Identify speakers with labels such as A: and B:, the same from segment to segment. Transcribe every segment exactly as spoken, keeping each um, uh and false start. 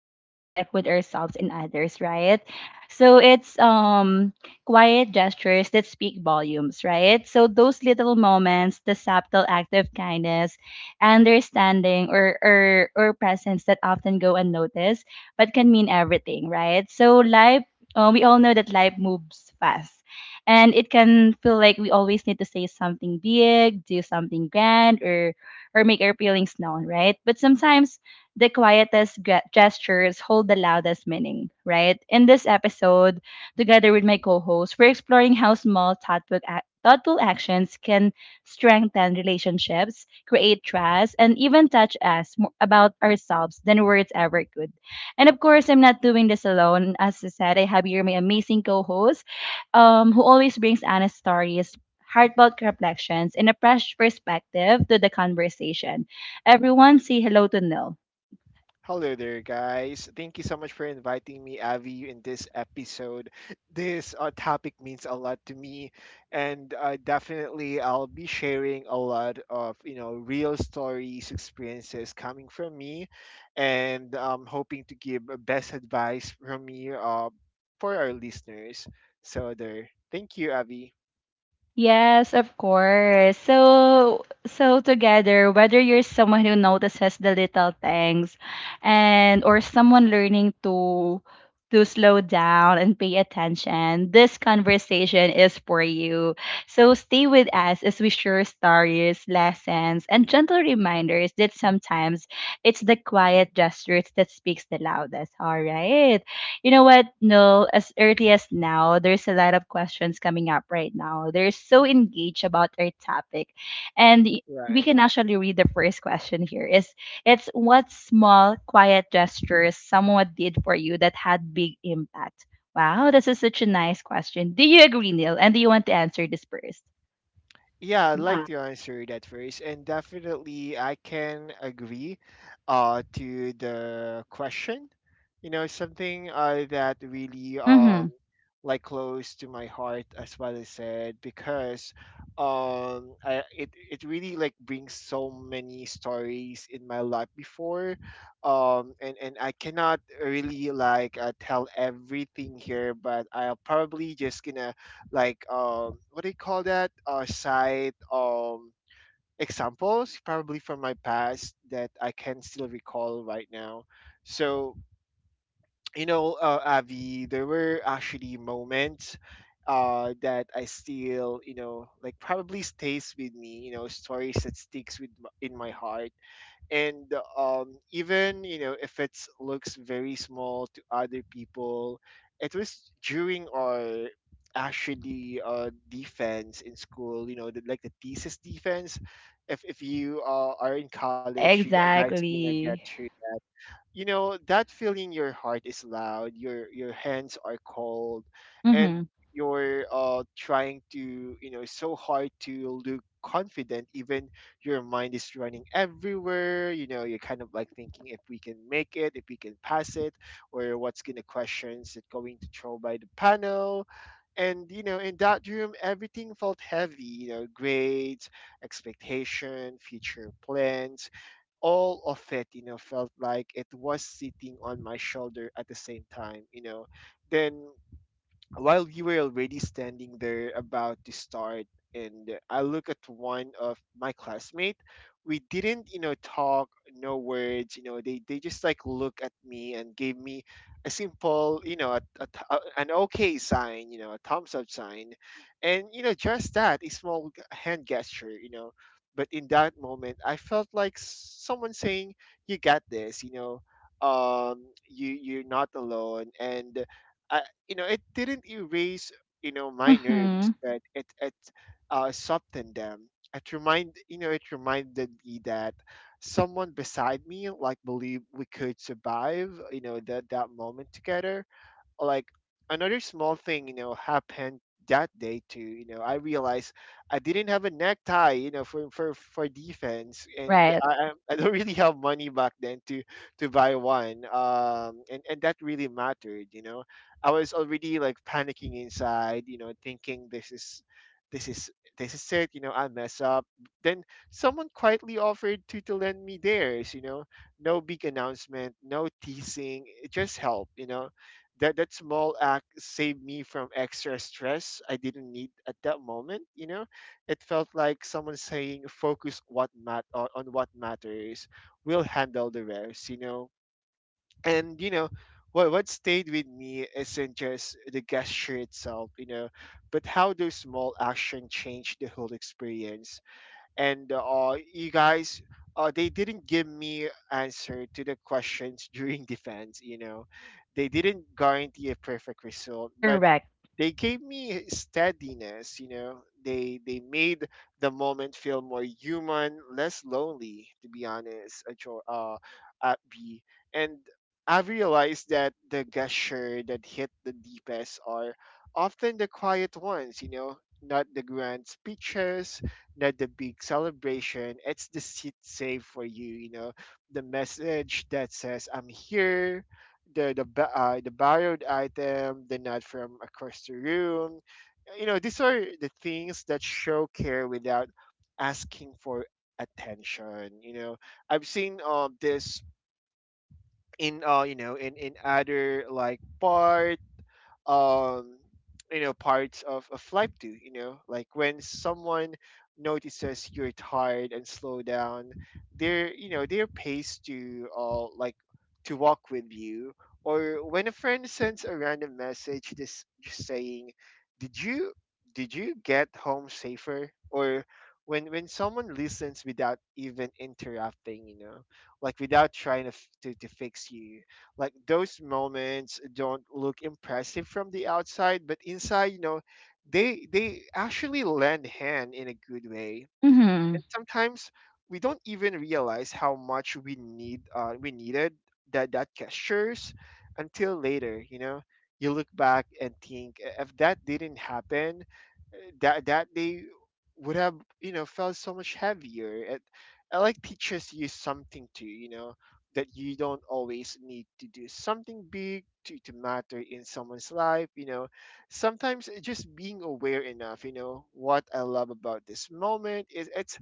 A: on how we connect with ourselves and others, right? So it's um quiet gestures that speak volumes, right? So those little moments, the subtle act of kindness, understanding or or or presence that often go unnoticed but can mean everything, right? So life uh, we all know that life moves fast, and it can feel like we always need to say something big, do something grand, or or make our feelings known, right? But sometimes the quietest ge- gestures hold the loudest meaning, right? In this episode, together with my co-host, we're exploring how small thoughtful, ac- thoughtful actions can strengthen relationships, create trust, and even touch us more about ourselves than words ever could. And of course, I'm not doing this alone. As I said, I have here my amazing co-host um, who always brings honest stories, heartfelt reflections, and a fresh perspective to the conversation. Everyone, say hello to Nil.
B: Hello there, guys. Thank you so much for inviting me, Avi, in this episode. This uh, topic means a lot to me, and uh, definitely I'll be sharing a lot of you know real stories, experiences coming from me, and um, hoping to give uh, best advice from me uh, for our listeners. So there. Thank you, Avi.
A: Yes, of course. So, so together, whether you're someone who notices the little things and or someone learning to to slow down and pay attention, this conversation is for you. So stay with us as we share stories, lessons, and gentle reminders that sometimes it's the quiet gestures that speaks the loudest. All right. You know what? No, as early as now, there's a lot of questions coming up right now. They're so engaged about our topic. And y- we
B: Right.
A: can actually read the first question here is it's what small quiet gestures someone did for you that had big impact. Wow, this is such a nice question. Do you agree, Neil? And do you want to answer this first?
B: Yeah, I'd like
A: Yeah.
B: to answer that first, and definitely I can agree uh, to the question. You know, something uh, that really um
A: Mm-hmm.
B: like close to my heart as what I said because um I it it really like brings so many stories in my life before um and and I cannot really like uh, tell everything here, but I'll probably just gonna like um what do you call that uh side um examples probably from my past that I can still recall right now. So you know uh, Avi, there were actually moments uh that I still you know like probably stays with me, you know stories that sticks with m- in my heart. And um, even you know if it looks very small to other people, it was during our actually uh, defense in school, you know the, like the thesis defense. if, if you uh, are in college, you g- guys are gonna get
A: Exactly.
B: your, you know that feeling. Your heart is loud, your your hands are cold, and
A: Mm-hmm.
B: you're uh trying to, you know so hard to look confident even your mind is running everywhere. You know, you're kind of like thinking if we can make it, if we can pass it, or what's gonna questions that going to throw by the panel. And you know, in that room everything felt heavy, you know, grades, expectation, future plans, all of it, you know, felt like it was sitting on my shoulder at the same time, you know. Then while you were already standing there about to start, and I look at one of my classmate, we didn't, you know, talk. No words. You know, they, they just like look at me and gave me a simple, you know, a, a th- a- an okay sign, you know, a thumbs up sign. And you know, just that a small g- hand gesture, you know, but in that moment I felt like s- someone saying, "You got this. You know, um you you're not alone." And you know, it didn't erase, you know, my
A: Mm-hmm.
B: nerves, but it it uh softened them. It remind, you know, it reminded me that someone beside me like believed we could survive, you know, that that moment together. Like another small thing, you know, happened that day too. You know, I realized I didn't have a necktie, you know, for for for defense, and
A: Right.
B: I I I don't really have money back then to to buy one. um and and that really mattered, you know. I was already like panicking inside, you know, thinking, "This is, this is, this is it. You know, I mess up." Then someone quietly offered to to lend me theirs, you know, no big announcement, no teasing, it just help, you know. That that small act saved me from extra stress I didn't need at that moment. You know, it felt like someone saying, "Focus what mat on, on what matters. We'll handle the rest." You know, and you know. What, what stayed with me isn't just the gesture itself, you know, but how those small action changed the whole experience. And uh, you guys, uh, they didn't give me answer to the questions during defense. You know, they didn't guarantee a perfect result, but
A: Correct.
B: they gave me steadiness, you know. they they made the moment feel more human, less lonely, to be honest, at your uh at and I realized that the gesture that hit the deepest are often the quiet ones. You know, not the grand speeches, not the big celebration, it's the seat safe for you, you know, the message that says I'm here, the the ba- uh, the borrowed item, the nod from across the room. You know, these are the things that show care without asking for attention. You know, I've seen um this in uh you know, in in other like bars, um you know, parts of, of life. Do you know, like when someone notices you're tired and slow down their, you know, their pace to uh like to walk with you, or when a friend sends a random message this just saying, "Did you, did you get home safer?" or when when someone listens without even interrupting, you know, like without trying to, f- to, to fix you. Like those moments don't look impressive from the outside, but inside, you know, they they actually lend hand in a good way.
A: Mm-hmm.
B: And sometimes we don't even realize how much we need uh, we needed that that gestures until later, you know. You look back and think, "I- "if that didn't happen uh, that that day would have, you know, felt so much heavier." it, it like teaches you something too, you know, that you don't always need to do something big to, to matter in someone's life, you know. Sometimes it just being aware enough. You know what I love about this moment is it's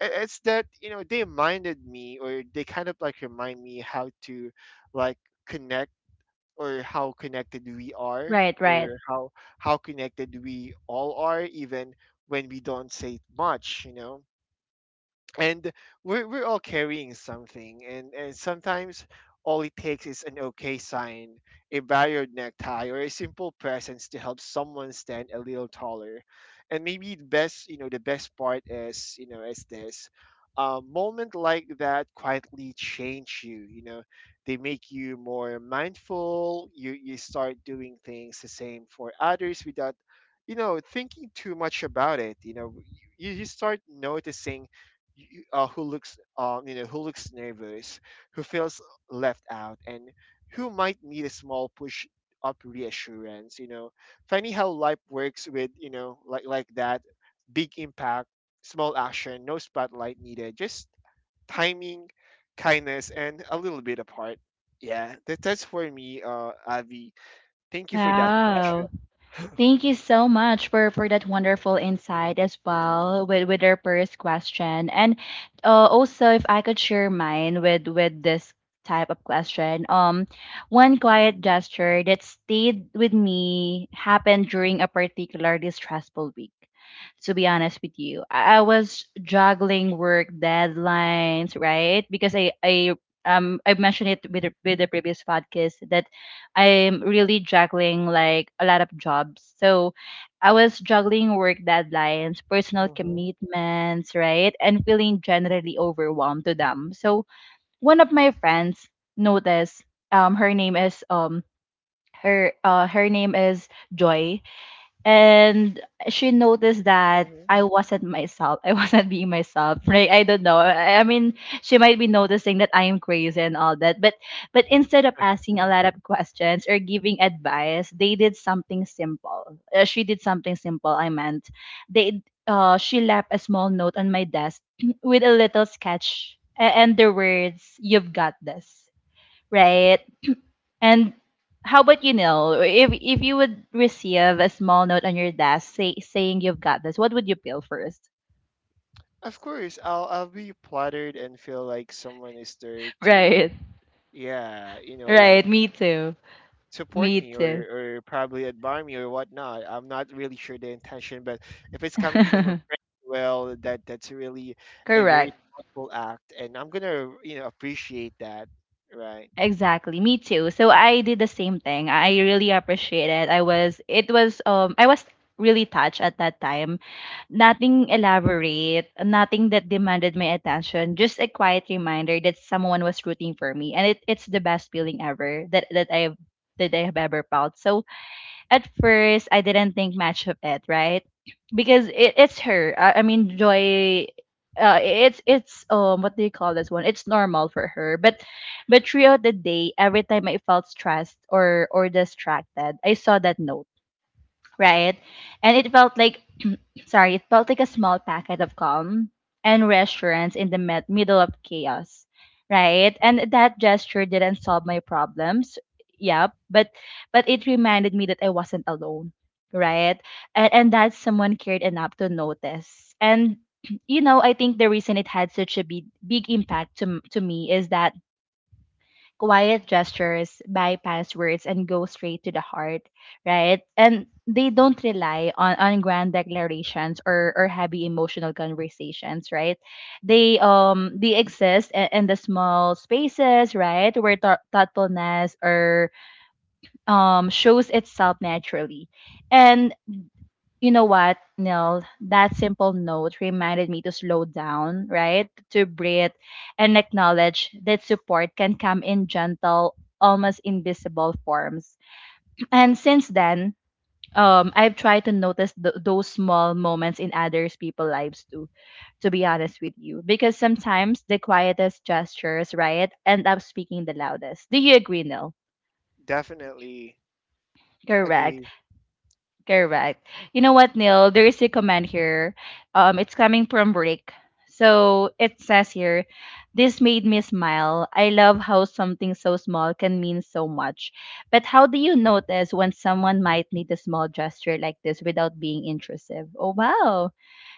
B: i- it's that, you know, they reminded me, or they kind of like remind me, how to like connect, or how connected we are,
A: Right, right.
B: or how how connected we all are even when we don't say much, you know. And we're, we're all carrying something, and and sometimes all it takes is an okay sign, a barrier necktie, or a simple presence to help someone stand a little taller. And maybe the best, you know, the best part is, you know, is this: a moment like that quietly change you, you know. They make you more mindful, you you start doing things the same for others without, you know, thinking too much about it, you know. You, you start noticing y- uh, who looks um, you know, who looks nervous, who feels left out, and who might need a small push up reassurance. You know, funny how life works with, you know, like like that, big impact, small action, no spotlight needed, just timing, kindness, and a little bit of heart. Yeah, that, that's for me, uh, Avi. Thank you for that question.
A: Wow. Thank you so much for, for that wonderful insight as well with, with our first question. And uh, also, if I could share mine with, with this type of question, um, one quiet gesture that stayed with me happened during a particularly stressful week. To be honest with you, I, I was juggling work deadlines, right? Because I, I um I mentioned it with the- with the previous podcast that I'm really juggling like a lot of jobs. So I was juggling work deadlines, personal
B: Hmm.
A: commitments, right? And feeling generally overwhelmed to them. So one of my friends noticed. Um her name is um her uh her name is Joy, and she noticed that
B: Hmm.
A: I wasn't myself. I wasn't being myself. Right? I don't know. I, I mean, she might be noticing that I am crazy and all that. But but instead of asking a lot of questions or giving advice, they did something simple. Uh, she did something simple. I meant they. Uh, she left a small note on my desk with a little sketch a- and the words "You've got this." Right? And how about you, Neil? If if you would receive a small note on your desk say, saying you've got this, what would you peel first?
B: Of course, I'll I'll be flattered and feel like someone is there to,
A: Right.
B: yeah, you know, like
A: Right. Me too.
B: support
A: Me
B: me,
A: too.
B: or or probably admire me or whatnot. I'm not really sure the intention, but if it's coming from a friend, well, that that's really a very
A: Correct.
B: thoughtful act, and I'm gonna, you know, appreciate that, right?
A: Exactly. Me too. So I did the same thing. I really appreciate it. I was it was um I was really touched at that time. Nothing elaborate, nothing that demanded my attention, just a quiet reminder that someone was rooting for me. And it, it's the best feeling ever that, that I've that I have ever felt. So at first I didn't think much of it, right? Because it, it's her. I, I mean Joy uh, it's it's um what do you call this one? It's normal for her. But but throughout the day, every time I felt stressed or or distracted, I saw that note, right? And it felt like. Sorry, it felt like a small packet of calm and reassurance in the med- middle of chaos, right? And that gesture didn't solve my problems. Yep, but but it reminded me that I wasn't alone, right? And and
B: Hmm.
A: that someone cared enough to notice. And you know, I think the reason it had such a big big impact to m- to me is that quiet gestures, bypass words, and go straight to the heart, right? And they don't rely on, on grand declarations or, or heavy emotional conversations, right? They um they exist in, in the small spaces, right, where thou- thoughtfulness or um shows itself naturally. And you know what, Nil? That simple note reminded me to slow down, right? To breathe and acknowledge that support can come in gentle, almost invisible forms. And since then, um, I've tried to notice th- those small moments in others' people's lives too, to be honest with you. Because sometimes the quietest gestures, right, end up speaking the loudest. Do you agree, Nil?
B: Definitely
A: Correct.
B: agree.
A: Correct. You know what, Neil? There is a comment here. Um, it's coming from Rick. So it says here, this made me smile. I love how something so small can mean so much. But how do you notice when someone might need a small gesture like this without being intrusive? Oh wow.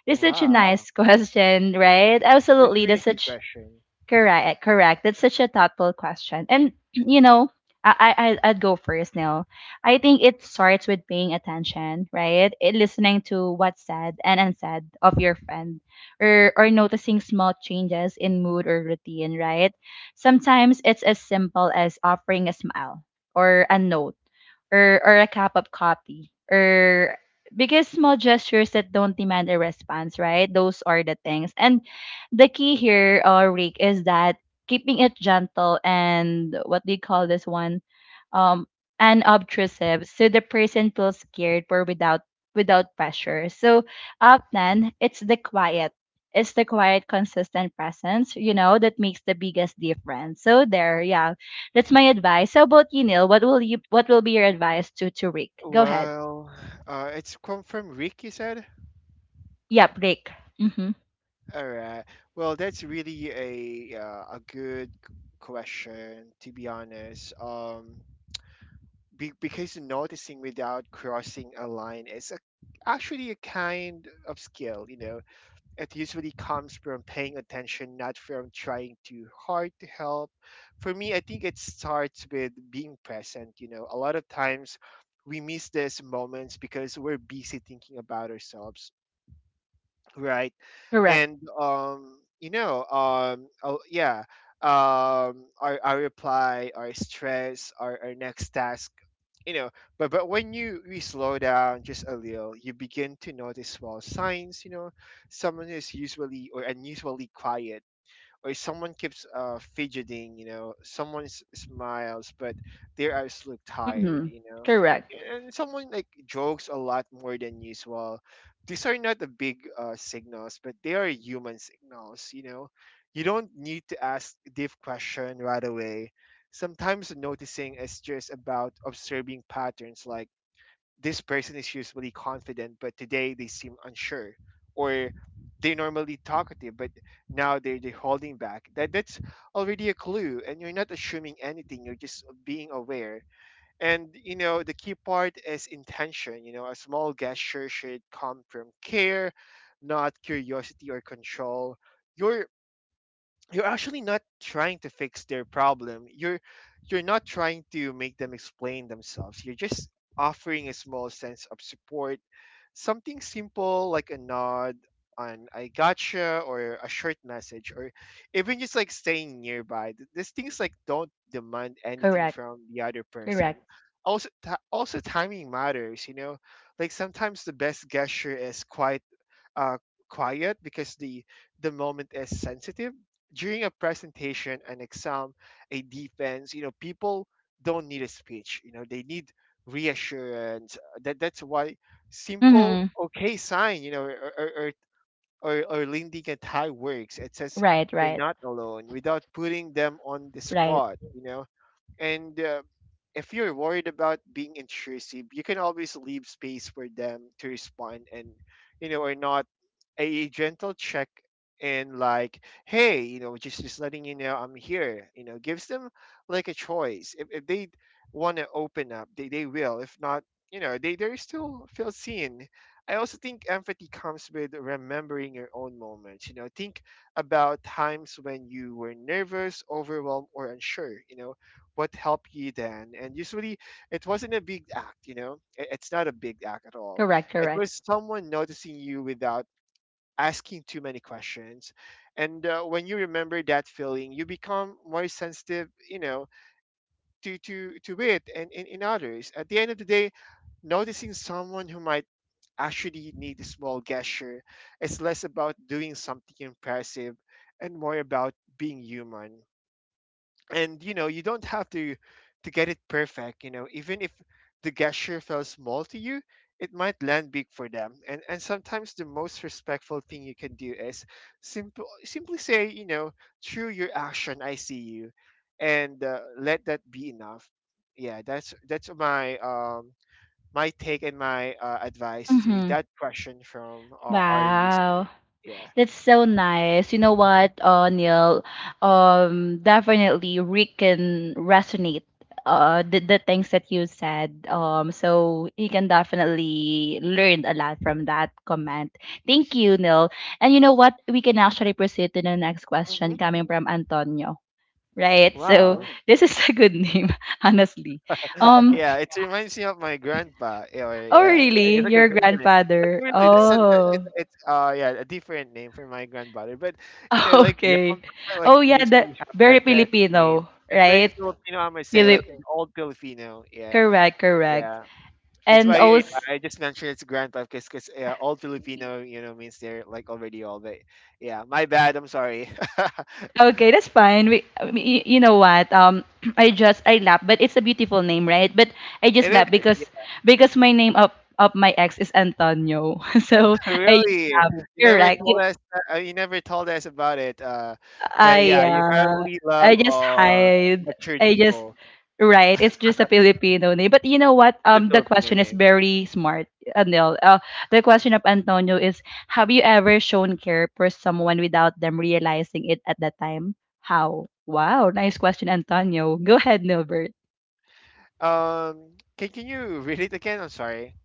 A: This is such a
B: Wow,
A: nice question, right?
B: that's a
A: Absolutely. That's
B: really good
A: such.
B: question.
A: Correct, correct. That's such a thoughtful question. And you know, I, I I- I'd go first now. I think it starts with paying attention, right? It, listening to what's said and unsaid of your friend, or or noticing small changes in mood or routine, right? Sometimes it's as simple as offering a smile or a note or or a cup of coffee or because small gestures that don't demand a response, right? Those are the things. And the key here, uh, Rick, is that keeping it gentle and what do you call this one? Um, unobtrusive, so the person feels scared or without without pressure. So often it's the quiet. It's the quiet, consistent presence, you know, that makes the biggest difference. So there, yeah, that's my advice. How about you, Neil? What will you? What will be your advice to to Rick? Go ahead.
B: Well, uh, it's come from Rick, you said?
A: Yep, Rick. Mm-hmm.
B: All right. Well, that's really a uh, a good question, to be honest. Um, be, because noticing without crossing a line is a, actually a kind of skill, you know. It usually comes from paying attention, not from trying too hard to help. For me, I think it starts with being present. You know, a lot of times we miss these moments because we're busy thinking about ourselves, right?
A: Correct.
B: And um you know um oh yeah, um our, our reply, our stress, our, our next task, you know. but but when you we slow down just a little, you begin to notice small signs, you know. Someone is usually or unusually quiet, or someone keeps uh, fidgeting, you know, someone s- smiles but their eyes look tired,
A: Mm-hmm.
B: you know,
A: Correct.
B: and someone like jokes a lot more than usual. These are not the big uh, signals, but they are human signals, you know. You don't need to ask deep question right away. Sometimes noticing is just about observing patterns, like this person is usually confident, but today they seem unsure, or they're normally talkative, but now they're, they're holding back. That that's already a clue, and you're not assuming anything. You're just being aware. And you know the key part is intention. You know, a small gesture should come from care, not curiosity or control. Your you're actually not trying to fix their problem, you're you're not trying to make them explain themselves, you're just offering a small sense of support, something simple like a nod, an I gotcha, or a short message, or even just like staying nearby. Th- these things like don't demand anything
A: Correct.
B: from the other person.
A: Correct.
B: Also ti- also timing matters, you know, like sometimes the best gesture is quiet, uh, quiet because the the moment is sensitive. During a presentation, an exam, a defense, you know, people don't need a speech, you know, they need reassurance. That that's why simple
A: Mm-hmm.
B: okay sign, you know, or or, or or or leaning at high works. It says
A: Right,
B: you're
A: right,
B: not alone without putting them on the
A: right.
B: spot, you know. And uh, If you're worried about being intrusive, you can always leave space for them to respond, and you know, or not. A gentle check and like, hey, you know, just just letting you know I'm here, you know, gives them like a choice. If, if they want to open up, they, they will. If not, you know, they they still feel seen. I also think empathy comes with remembering your own moments, you know. Think about times when you were nervous, overwhelmed, or unsure, you know, what helped you then. And usually it wasn't a big act, you know. It- it's not a big act at all.
A: Correct,
B: It
A: correct.
B: was someone noticing you without asking too many questions. And uh, When you remember that feeling, you become more sensitive, you know, to to to it and in, in others. At the end of the day, noticing someone who might actually need a small gesture is less about doing something impressive and more about being human. And you know, you don't have to to get it perfect, you know. Even if the gesture felt small to you, it might land big for them. And and sometimes the most respectful thing you can do is simple simply say, you know, through your action, I see you. And uh, Let that be enough. Yeah, that's that's my um my take and my uh, advice to
A: Mm-hmm.
B: that question from uh, our listener.
A: Wow.
B: Yeah.
A: That's so nice. You know what, uh, Neil? Um, definitely we can resonate uh the, the things that you said. Um, so he can definitely learn a lot from that comment. Thank you, Neil. And you know what? We can actually proceed to the next
B: Mm-hmm.
A: question coming from Antonio. Right. So. Oh,
B: Wow.
A: this is a good name, honestly. Um,
B: Yeah, it reminds me of my grandpa. Yeah, or-
A: Oh,
B: yeah, it-
A: really?
B: it's like a
A: Your
B: grandpa. But
A: grandfather?
B: really, that's such a it.
A: Oh,
B: It's uh yeah a different name for my grandfather. But you know, like
A: okay.
B: grandpa, like
A: Oh, yeah, that
B: usually have
A: very
B: that that name.
A: Filipino,
B: It's very
A: right?
B: Filipino. I must say, like
A: Fili-
B: the old Filipino. Yeah,
A: Correct, correct.
B: yeah. That's
A: And
B: why, yeah,
A: also,
B: I just mentioned it's grandpa because because yeah, old Filipino, you know, means they're like already old. But yeah, my bad. I'm sorry.
A: okay, that's fine. We, y- you know what? Um, I just I laugh, but it's a beautiful name, right? But I just
B: It is.
A: laugh because because my name of of my ex is Antonio, so I just
B: Really?
A: laugh.
B: You never
A: Correct.
B: told us. Uh, you never told us about it. Uh, but
A: I
B: yeah, you
A: uh,
B: probably love
A: I just
B: um
A: hide.
B: matured
A: I just
B: people.
A: right. It's just a Filipino name. But you know what?
B: It's a
A: Um, the
B: Filipino
A: question is
B: name.
A: very smart, Anil. Uh, the question of Antonio is: have you ever shown care for someone without them realizing it at that time? How? Wow, nice question, Antonio. Go ahead, Nilbert.
B: Um, can can you read it again? I'm sorry.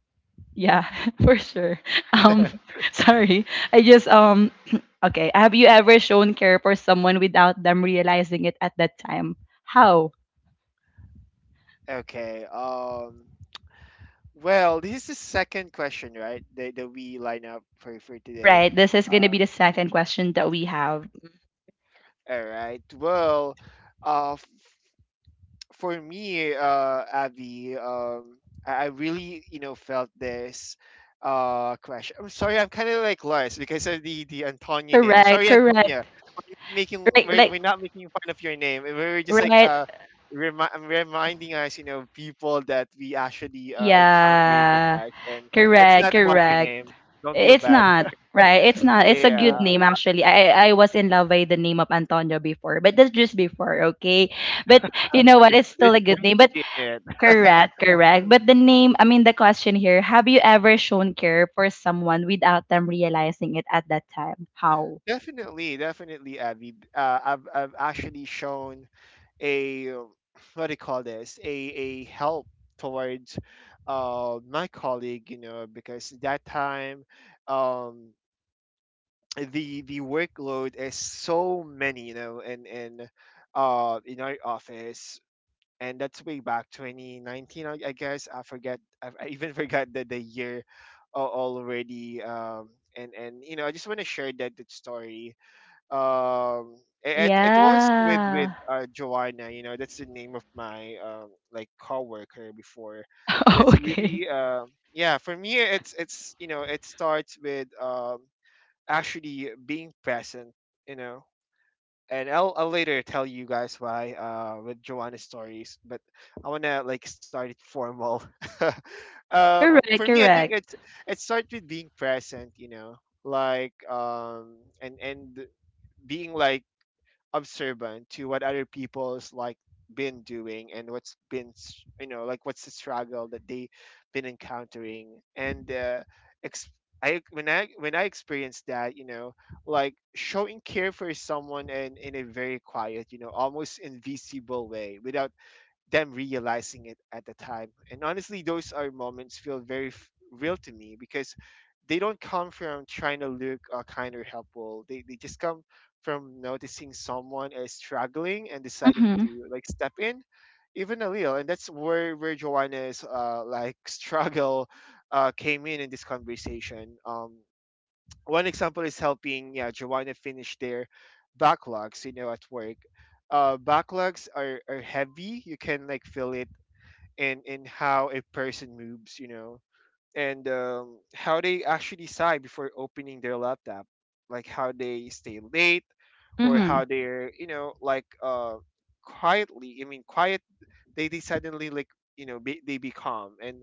A: Yeah, for sure. Um, sorry. I just um. Okay. Have you ever shown care for someone without them realizing it at that time? How?
B: Okay. Um. Well, this is the second question, right? That that we line up for for today.
A: Right. This is gonna
B: Uh,
A: be the second question that we have.
B: all right. Well, uh, for me, uh, Abby, um, I I really, you know, felt this uh crash. I'm sorry, I'm kind of like lost because of the the Antonia name. I'm
A: Correct,
B: sorry,
A: correct.
B: Antonia. We're not making
A: Right,
B: we're,
A: like
B: we're not making fun of your name. We are just like
A: right.
B: uh remi- reminding us, you know, people that we actually uh, encountered in the
A: Yeah.
B: past, and it's
A: Correct,
B: not about your
A: correct.
B: name. Don't feel
A: It's
B: bad.
A: not. Right. It's not. It's a. Yeah, good
B: Yeah,
A: name actually. I I was in love with the name of Antonio before, but that's just before, okay? But you know what? It's still
B: there's a
A: a good name. But
B: quality in it.
A: correct, correct. But the name, I mean the question here, have you ever shown care for someone without them realizing it at that time? How?
B: Definitely, definitely, Abby. Uh, I've I've actually shown a uh, what do you call this? A a help towards uh my colleague, you know, because that time um the the workload is so many, you know, in in uh in our office. And that's way back twenty nineteen, I, I guess. I forget. I, I even forgot the, the year al- already. Um, and and you know, I just want to share that, that story, um it it was with with
A: Yeah.
B: uh Joanna, you know, that's the name of my um like coworker before. That's
A: Okay.
B: really uh yeah, for me it's it's you know, it starts with um actually being present, you know. And I'll I'll later tell you guys why uh with Joanna's stories, but I wanna like start it formal. Um
A: Correct,
B: for me I think
A: correct.
B: it's it starts with being present, you know, like, um and and being like observant to what other people's like been doing and what's been s- you know, like what's the struggle that they been encountering. And uh, ex- I when I when I experienced that, you know, like showing care for someone and in in a very quiet, you know, almost invisible way without them realizing it at the time. And honestly, those are moments feel very f- real to me because they don't come from trying to look uh, kind or helpful. They they just come from noticing someone is struggling and deciding
A: Mm-hmm.
B: to like step in, even a little. And that's where where Joanna's uh like struggle uh came in in this conversation. Um, one example is helping, yeah, Joanna finish their backlogs, you know, at work. Uh backlogs are, are heavy. You can like feel it in in how a person moves, you know, and um, how they actually sigh before opening their laptop, like how they stay late or
A: Mm-hmm.
B: how they're, you know, like uh quietly I mean quiet they, they suddenly like you know be, they become. And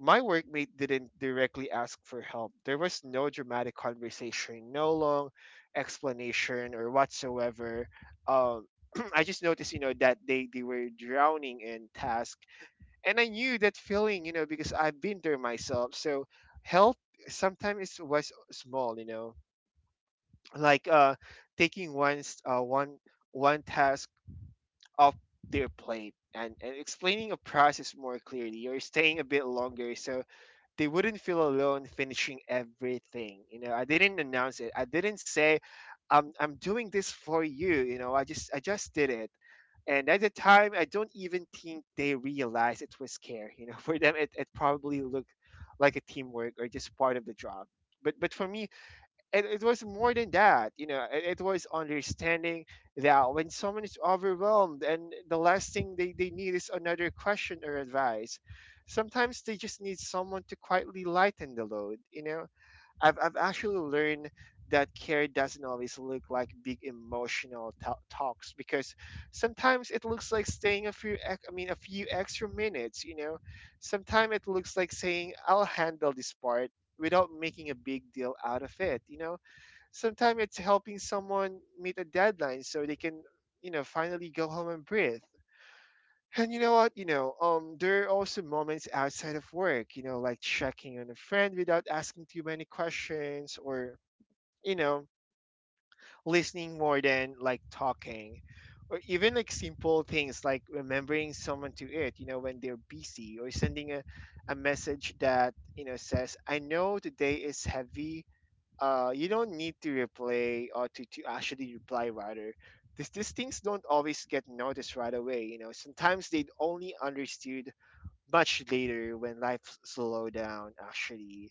B: my workmate didn't directly ask for help. There was no dramatic conversation, no long explanation or whatsoever. Um, I just noticed, you know, that they, they were drowning in task. And I knew that feeling, you know, because I've been there myself. So help sometimes was small, you know, like uh, taking one's, uh, one, one task off their plate, and, and explaining a process more clearly or staying a bit longer, so they wouldn't feel alone finishing everything. You know, I didn't announce it. I didn't say, "I'm I'm doing this for you." You know, I just I just did it. And at the time, I don't even think they realized it was care. You know, for them, it, it probably looked like a teamwork or just part of the job. But but for me, it, it was more than that. You know, it, it was understanding that when someone is overwhelmed, and the last thing they, they need is another question or advice. Sometimes they just need someone to quietly lighten the load, you know. i've, I've actually learned that care doesn't always look like big emotional ta- talks, because sometimes it looks like staying a few ex- I mean a few extra minutes, you know. Sometimes it looks like saying, I'll handle this part, without making a big deal out of it, you know. Sometimes it's helping someone meet a deadline so they can, you know, finally go home and breathe. And you know what? You know, um, there are also moments outside of work, you know, like checking on a friend without asking too many questions, or, you know, listening more than like talking. Or even like simple things like remembering someone to it, you know, when they're busy, or sending a, a message that, you know, says, I know today is heavy, uh you don't need to reply, or to, to actually reply rather, because these things don't always get noticed right away, you know. Sometimes they'd only understood much later when life slow down, actually.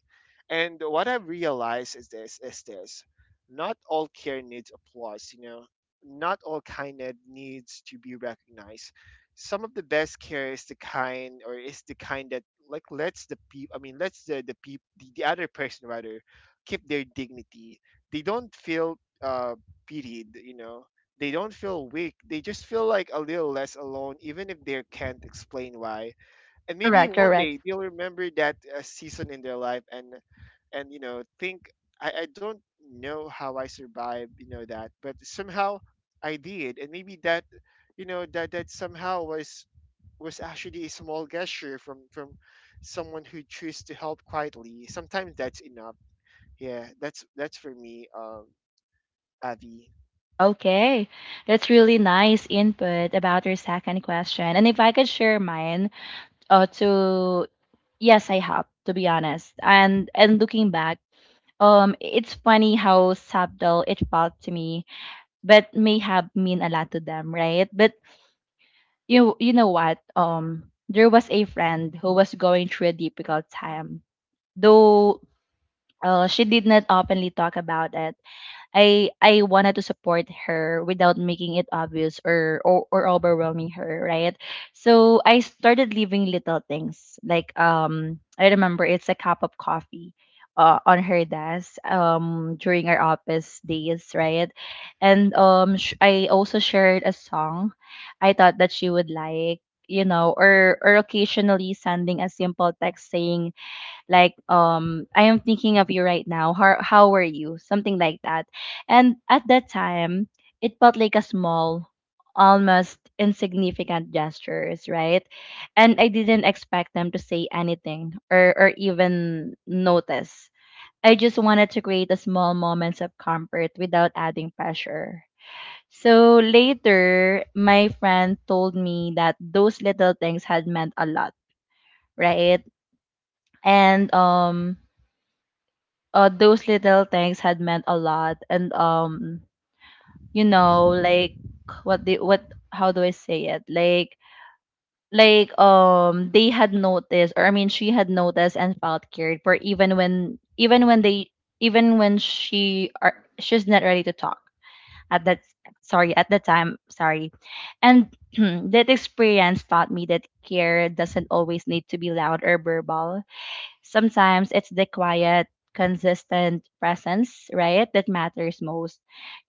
B: And what I've realized is this is this: not all care needs applause, you know. Not all kindness needs to be recognized. Some of the best care is the kind, or is the kind that like lets the people i mean lets the the people, the, the other person rather, keep their dignity. They don't feel uh pitied, you know. They don't feel weak. They just feel like a little less alone, even if they can't explain why. And maybe
A: Correct,
B: one
A: correct.
B: day they'll remember that uh, season in their life, and and you know think, I, I don't know how I survived, you know, that, but somehow I did. And maybe that you know that that somehow was was actually a small gesture from from someone who choose to help quietly. Sometimes that's enough. Yeah, that's that's for me, um Avi.
A: Okay. That's really nice input about your second question. And if I could share mine, uh to yes, I have, to be honest. And and looking back, um it's funny how subtle it felt to me, but may have mean a lot to them, right? But you you know what? Um there was a friend who was going through a difficult time. Though uh, she did not openly talk about it, I I wanted to support her without making it obvious or or, or overwhelming her, right? So I started leaving little things like um I remember it's a cup of coffee uh, on her desk um during our office days, right? And um sh- I also shared a song I thought that she would like, you know, or or occasionally sending a simple text saying, like um I am thinking of you right now, how how were you, something like that. And at that time it felt like a small, almost insignificant gestures, right? And I didn't expect them to say anything or or even notice. I just wanted to create a small moments of comfort without adding pressure. So later my friend told me that those little things had meant a lot, right? And um uh those little things had meant a lot. And um you know
B: Mhm.
A: like, what the what, how do I say it, like like um they had noticed, or I mean she had noticed and felt cared for even when even when they even when she are she's not ready to talk, at that sorry at that time, sorry. And that experience taught me that care doesn't always need to be loud or verbal. Sometimes it's the quiet, consistent presence, right, that matters most.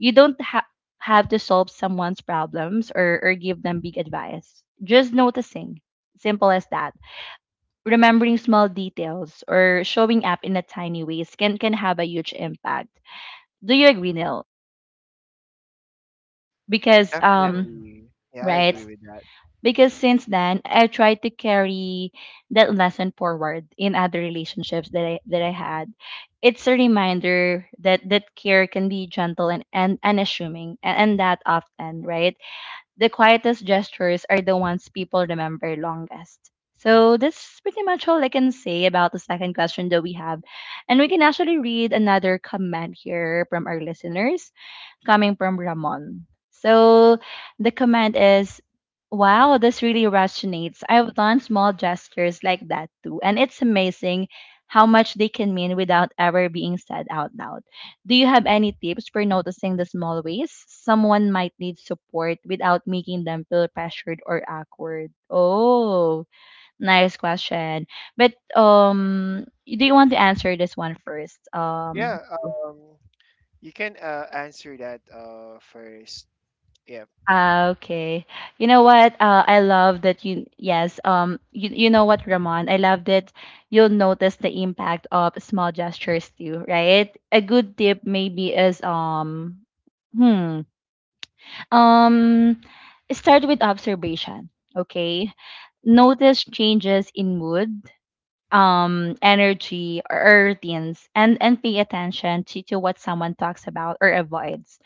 A: You don't ha- have to solve someone's problems, or, or give them big advice. Just noticing. Simple as that. Remembering small details or showing up in a tiny ways can, can have a huge impact. Do you agree, Neil? Because um
B: Definitely, yeah, I
A: Right.
B: agree with that.
A: Because since then, I tried to carry that lesson forward in other relationships that I that I had. It's a reminder that that care can be gentle and and unassuming, and, and that often, right? The quietest gestures are the ones people remember longest. So that's pretty much all I can say about the second question that we have, and we can actually read another comment here from our listeners coming from Ramon. So the comment is, wow, this really resonates. I've done small gestures like that too, and it's amazing how much they can mean without ever being said out loud. Do you have any tips for noticing the small ways someone might need support without making them feel pressured or awkward? Oh, nice question. But um, do you want to answer this one first, um,
B: Yeah, um you can uh, answer that uh first. Yeah.
A: Ah, okay. You know what? Uh, I love that you, yes, um, you, you know what, Ramon? I love that you'll notice the impact of small gestures too, right? A good tip maybe is, um, hmm, um, start with observation, okay? Notice changes in mood, um, energy, or routines, and and pay attention to, to what someone talks about or avoids.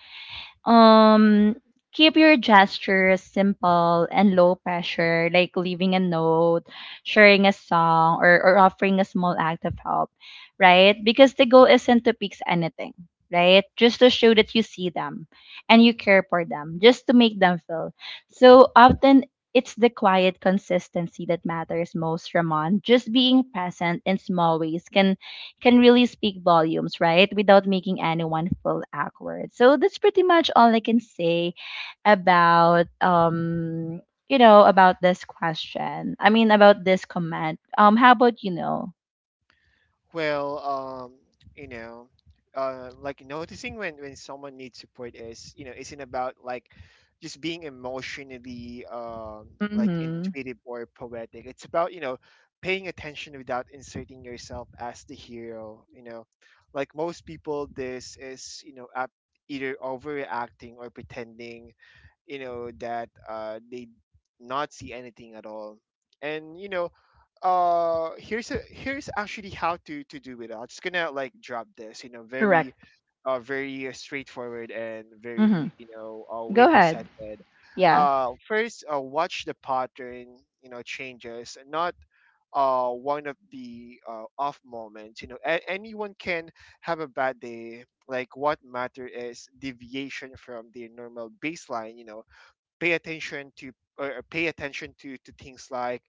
A: um, Keep your gestures simple and low pressure, like leaving a note, sharing a song, or, or offering a small act of help, right? Because the goal isn't to fix anything, right? Just to show that you see them and you care for them, just to make them feel. So often, it's the quiet consistency that matters most, Ramon. Just being present in small ways can can really speak volumes, right? Without making anyone feel awkward. So that's pretty much all I can say about um you know about this question. I mean about this comment. Um how about you know?
B: Well, um, you know, uh, like noticing when when someone needs support is, you know, isn't about like just being emotionally um like
A: Mhm.
B: intuitive or poetic. It's about, you know, paying attention without inserting yourself as the hero, you know. Like most people, this is, you know, up either overreacting or pretending, you know, that uh they not see anything at all. And you know, uh here's a here's actually how to to do it. I'm just gonna like drop this, you know,
A: Correct.
B: very uh very uh, straightforward and
A: Mhm.
B: very, you know, uh, way
A: Go ahead.
B: presented.
A: Yeah.
B: Uh first, uh, watch the pattern, you know, changes, not uh one of the uh, off moments, you know. A- anyone can have a bad day. Like what matter is deviation from their normal baseline, you know. Pay attention to, or pay attention to to things like,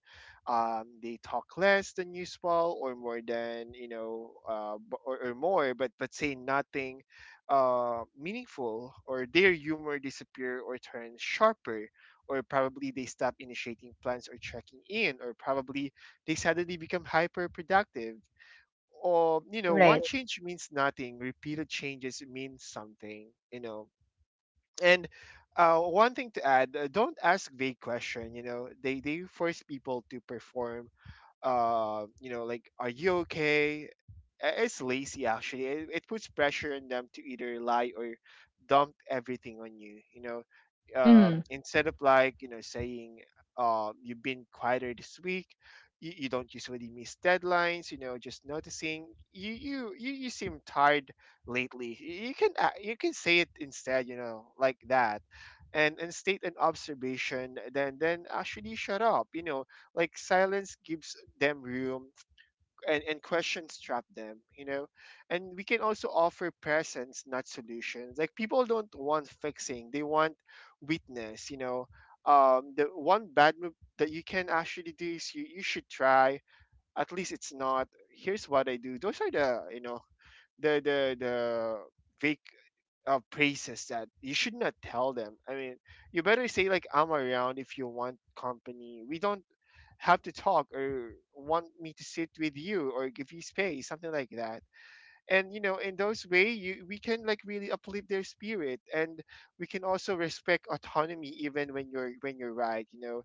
B: um, they talk less than usual or more than, you know, uh, b- or, or more but but say nothing uh, meaningful, or their humor disappear or turn sharper, or probably they stop initiating plans or checking in, or probably they suddenly become hyper productive. Or, you know, one
A: Right.
B: change means nothing, repeated changes mean something, you know. And uh, One thing to add, uh, don't ask vague question. You know, they they force people to perform. Uh, you know, like, are you okay? Uh, It's lazy actually. It, it puts pressure on them to either lie or dump everything on you. You know,
A: Mhm.
B: um, instead of like you know saying um, you've been quieter this week. You, you don't usually miss deadlines, you know just noticing you you you, you seem tired lately. Y- you can a- you can say it instead, you know like that, and and state an observation, then then actually shut up, you know like silence gives them room, and, and questions trap them, you know? And we can also offer presence, not solutions. Like people don't want fixing, they want witness, you know. Um, the one bad move that you can actually do is you, you should try. At least it's not. Here's what I do. Those are the you know the the the vague uh, praises that you should not tell them. I mean, you better say like, I'm around if you want company. We don't have to talk, or want me to sit with you, or give you space, something like that. And you know in those way, you we can like really uplift their spirit, and we can also respect autonomy even when you're when you're right, you know.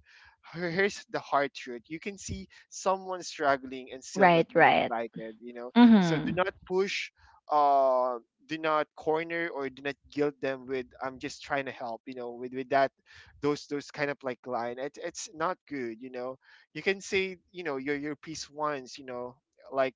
B: Here- here's the hard truth: you can see someone struggling and still
A: Right,
B: not be
A: right.
B: invited, you know. So do
A: Mhm.
B: not push, uh do not corner, or do not guilt them with, I'm just trying to help, you know, with with that those those kind of like line. It, it's not good, you know. You can say, you know, your your piece once, you know, like.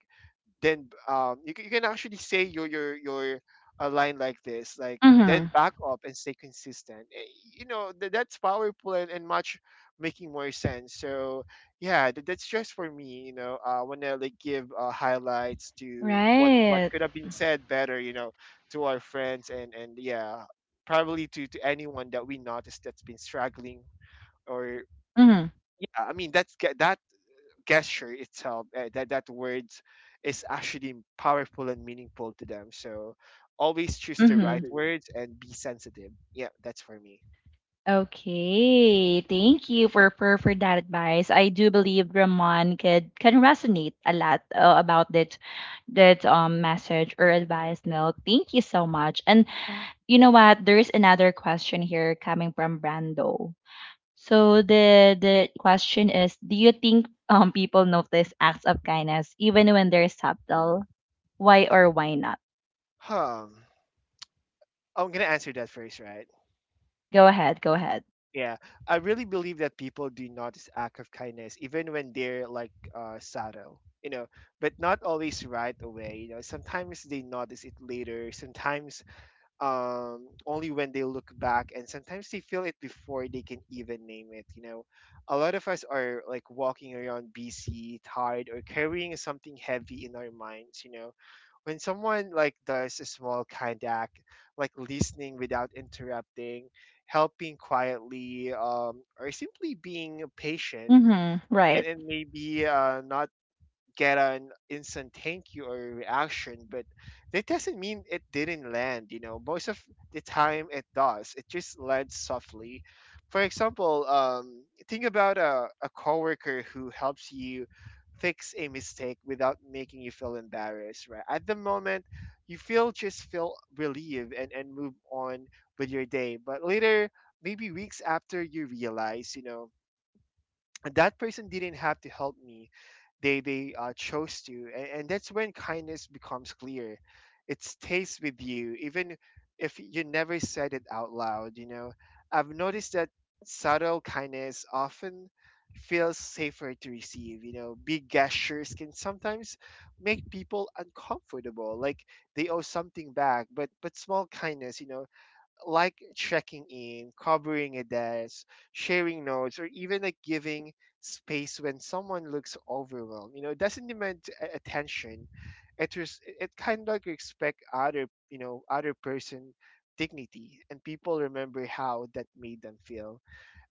B: Then um, you, c- you can actually say your your your a line like this, like, then
A: Mhm.
B: back up and stay consistent. Eh, you know, th- that's powerful, and, and much making more sense. So yeah, th- that's just for me, you know. I want to like give uh, highlights to what what
A: Right.
B: could have been said better, you know, to our friends, and and yeah, probably to to anyone that we noticed that's been struggling, or
A: Mhm.
B: yeah, I mean that's that gesture itself, uh, that that words is actually powerful and meaningful to them. So always choose the right
A: Mhm.
B: words and be sensitive. Yeah, that's for me.
A: Okay, thank you for, for for that advice. I do believe Ramon could can resonate a lot, uh, about that that um message or advice. No, thank you so much. And you know what? There is another question here coming from Brando. So the the question is, do you think um people notice acts of kindness even when they're subtle? Why or why not?
B: Um, I'm gonna answer that first, right?
A: Go ahead, go ahead.
B: Yeah, I really believe that people do notice act of kindness even when they're like uh, subtle, you know, but not always right away. You know, sometimes they notice it later. Sometimes um, only when they look back, and sometimes they feel it before they can even name it, you know. A lot of us are like walking around bc tired, or carrying something heavy in our minds, you know. When someone like does a small kind act, like listening without interrupting, helping quietly, um, or simply being patient,
A: Mm-hmm.
B: and,
A: Right.
B: and maybe uh, not get an instant thank you or reaction, but that doesn't mean it didn't land. You know, most of the time it does. It just lands softly. For example, um, think about a, a coworker who helps you fix a mistake without making you feel embarrassed, right? At the moment, you feel just feel relieved, and, and move on with your day. But later, maybe weeks after, you realize, you know, that person didn't have to help me. They they uh, chose to, and, and that's when kindness becomes clear. It stays with you even if you never said it out loud, you know. I've noticed that subtle kindness often feels safer to receive, you know. Big gestures can sometimes make people uncomfortable, like they owe something back, but but small kindness, you know, like checking in, covering a desk, sharing notes, or even like giving space when someone looks overwhelmed. You know, it doesn't demand a- attention. It res- it kind of like respect other, you know, other person dignity, and people remember how that made them feel.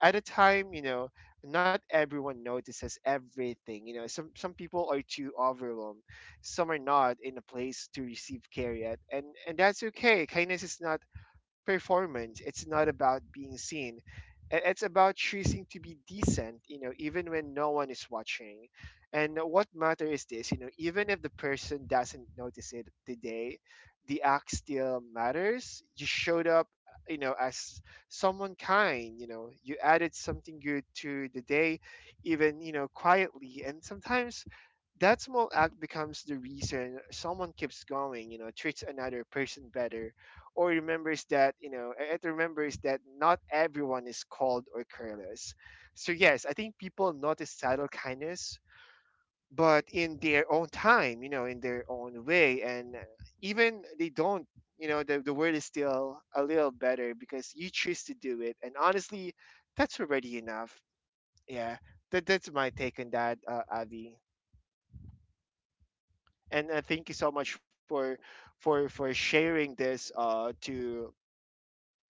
B: At a time, you know, not everyone notices everything. You know, some some people are too overwhelmed, some are not in a place to receive care yet, and and that's okay. Kindness is not performance. It's not about being seen. I- It's about choosing to be decent, you know, even when no one is watching. And what matters is this, you know, even if the person doesn't notice it today, the act still matters. You showed up, you know, as someone kind, you know, you added something good to the day, even, you know, quietly. And sometimes that small act becomes the reason someone keeps going, you know, treats another person better, or remembers that, you know it remembers that not everyone is cold or careless. So yes, I think people notice subtle kindness, but in their own time, you know, in their own way. And uh, even they don't, you know, the, the word is still a little better because you choose to do it, and honestly that's already enough. Yeah, that, that's my take on that, uh, Avi. And uh, thank you so much for for for sharing this, uh to,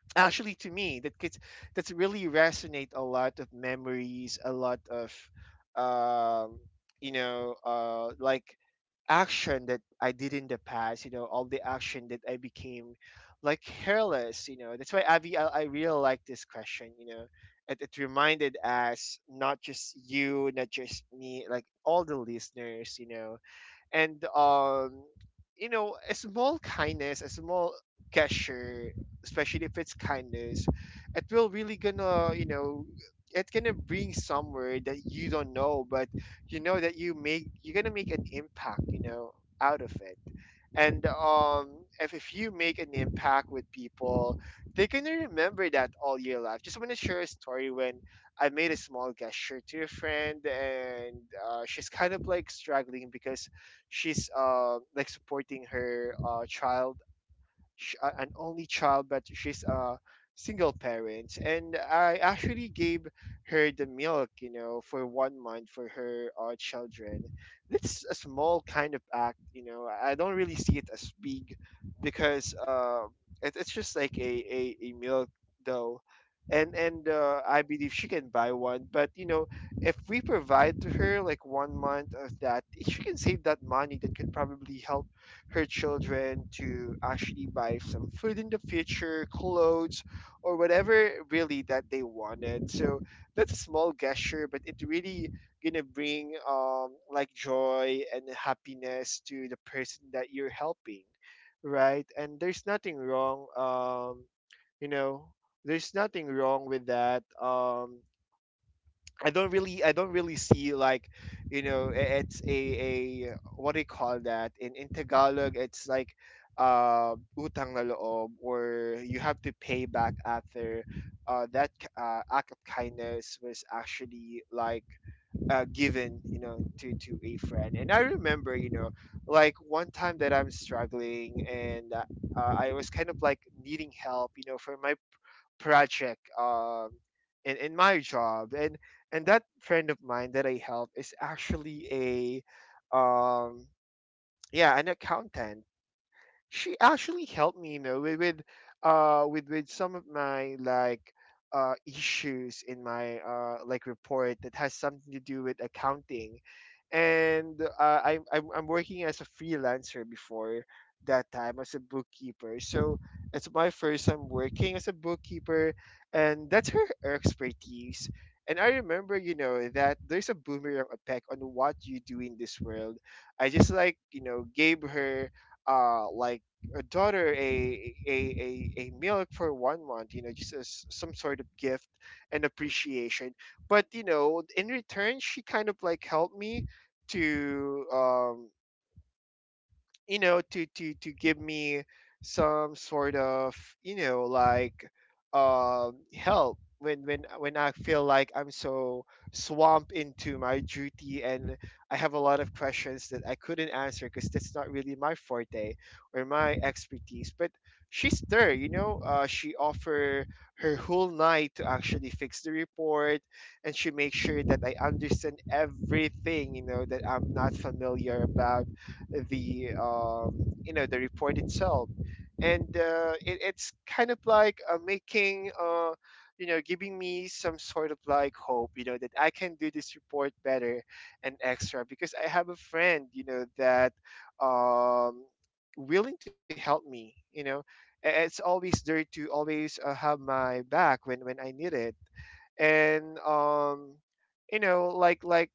B: actually to me that gets, that's really resonate a lot of memories, a lot of, um you know, uh like action that I did in the past, you know, all the action that I became like careless, you know. That's why, Avi, i, I really like this question, you know. It, it reminded us, not just you, not just me, like all the listeners, you know. And um, you know, a small kindness, a small gesture, especially if it's kindness, it will really gonna, you know, it gonna bring somewhere that you don't know, but you know that you make you're gonna make an impact, you know, out of it. And um if, if you make an impact with people, they're gonna remember that all your life. Just want to share a story when I made a small gesture to a friend. And uh, she's kind of like struggling because she's uh like supporting her uh child. Sh- a- an only child, but she's a single parent. And I actually gave her the milk, you know, for one month for her uh, children. That's a small kind of act, you know. I don't really see it as big because uh, it, it's just like a, a, a milk, though. And and uh, I believe she can buy one, but you know, if we provide to her like one month of that, she can save that money that could probably help her children to actually buy some food in the future, clothes, or whatever really that they wanted. So that's a small gesture, but it really gonna bring um like joy and happiness to the person that you're helping, right? And there's nothing wrong, um you know there's nothing wrong with that. um I don't really I don't really see like, you know, i- it's a a, what do you call that, in in Tagalog, it's like uh utang na loob, or you have to pay back after uh that k- uh, act of kindness was actually like uh given, you know, to to a friend. And I remember, you know, like one time that I'm struggling. And uh, uh, I was kind of like needing help, you know, from my project, um in, in my job. And and that friend of mine that I help is actually a, um yeah, an accountant. She actually helped me, you know, with with, uh with with some of my like uh issues in my uh like report that has something to do with accounting. And uh, I, I'm, I'm working as a freelancer before that time as a bookkeeper. So it's my first time working as a bookkeeper, and that's her expertise. And I remember, you know, that there's a boomerang effect on what you do in this world. I just like, you know, gave her uh like a daughter a a a, a milk for one month, you know, just as some sort of gift and appreciation. But you know, in return, she kind of like helped me to, um you know, to to to give me some sort of, you know, like um help when when when I feel like I'm so swamped into my duty. And I have a lot of questions that I couldn't answer because that's not really my forte or my expertise. But she's there, you know. Uh, she offer her whole night to actually fix the report, and she makes sure that I understand everything, you know, that I'm not familiar about the, um, you know, the report itself. And uh, it, it's kind of like uh, making uh, you know, giving me some sort of like hope, you know, that I can do this report better and extra because I have a friend, you know, that, um, willing to help me, you know. A- It's always there to always uh, have my back when when I need it. And um you know like like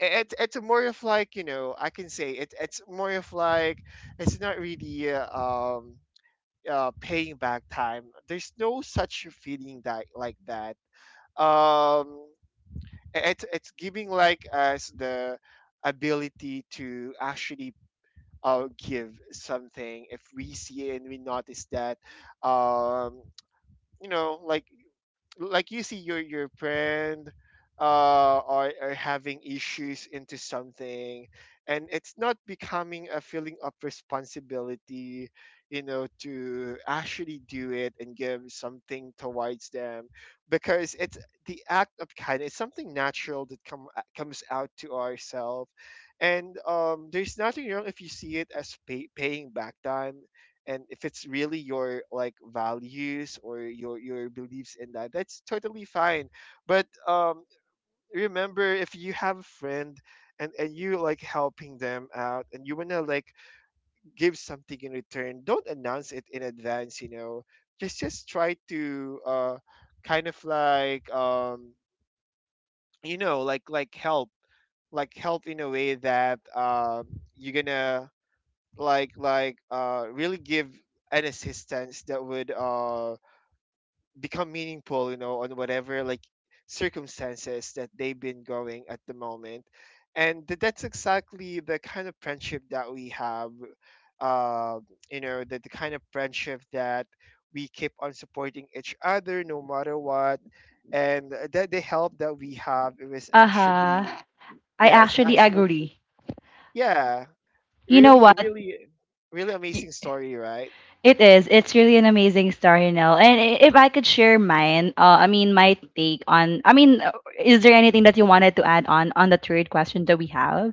B: I- It, it's more of like you know I can say it, It's more of like it's not really uh, um uh, paying back time. There's no such feeling that like that um it's it's giving like us the ability to actually uh, give something if we see and we notice that um you know like like you see your your friend uh are, are having issues into something. And it's not becoming a feeling of responsibility, you know, to actually do it and give something towards them, because it's the act of kindness. It's something natural that come uh, comes out to ourselves. And um there's nothing wrong if you see it as pay, paying back time. And if it's really your like values or your your beliefs in that, that's totally fine. But um remember, if you have a friend and and you like helping them out and you want to like give something in return, don't announce it in advance, you know. Just just try to uh kind of like um you know like like help, like help in a way that um you're gonna like like uh really give an assistance that would uh become meaningful, you know, on whatever like circumstances that they've been going at the moment. And th- that's exactly the kind of friendship that we have. uh, you know, the, the kind of friendship that we keep on supporting each other no matter what, and that the help that we have, it was
A: Uh-huh.
B: actually,
A: I
B: yeah, it's
A: actually
B: actually,
A: agree.
B: yeah,
A: You know
B: really
A: what?
B: really really
A: Y-
B: amazing story, right?
A: It is. It's really an amazing story, Nell. And i- if I could share mine, uh, I mean, my take on, I mean, uh, is there anything that you wanted to add on on the third question that we have?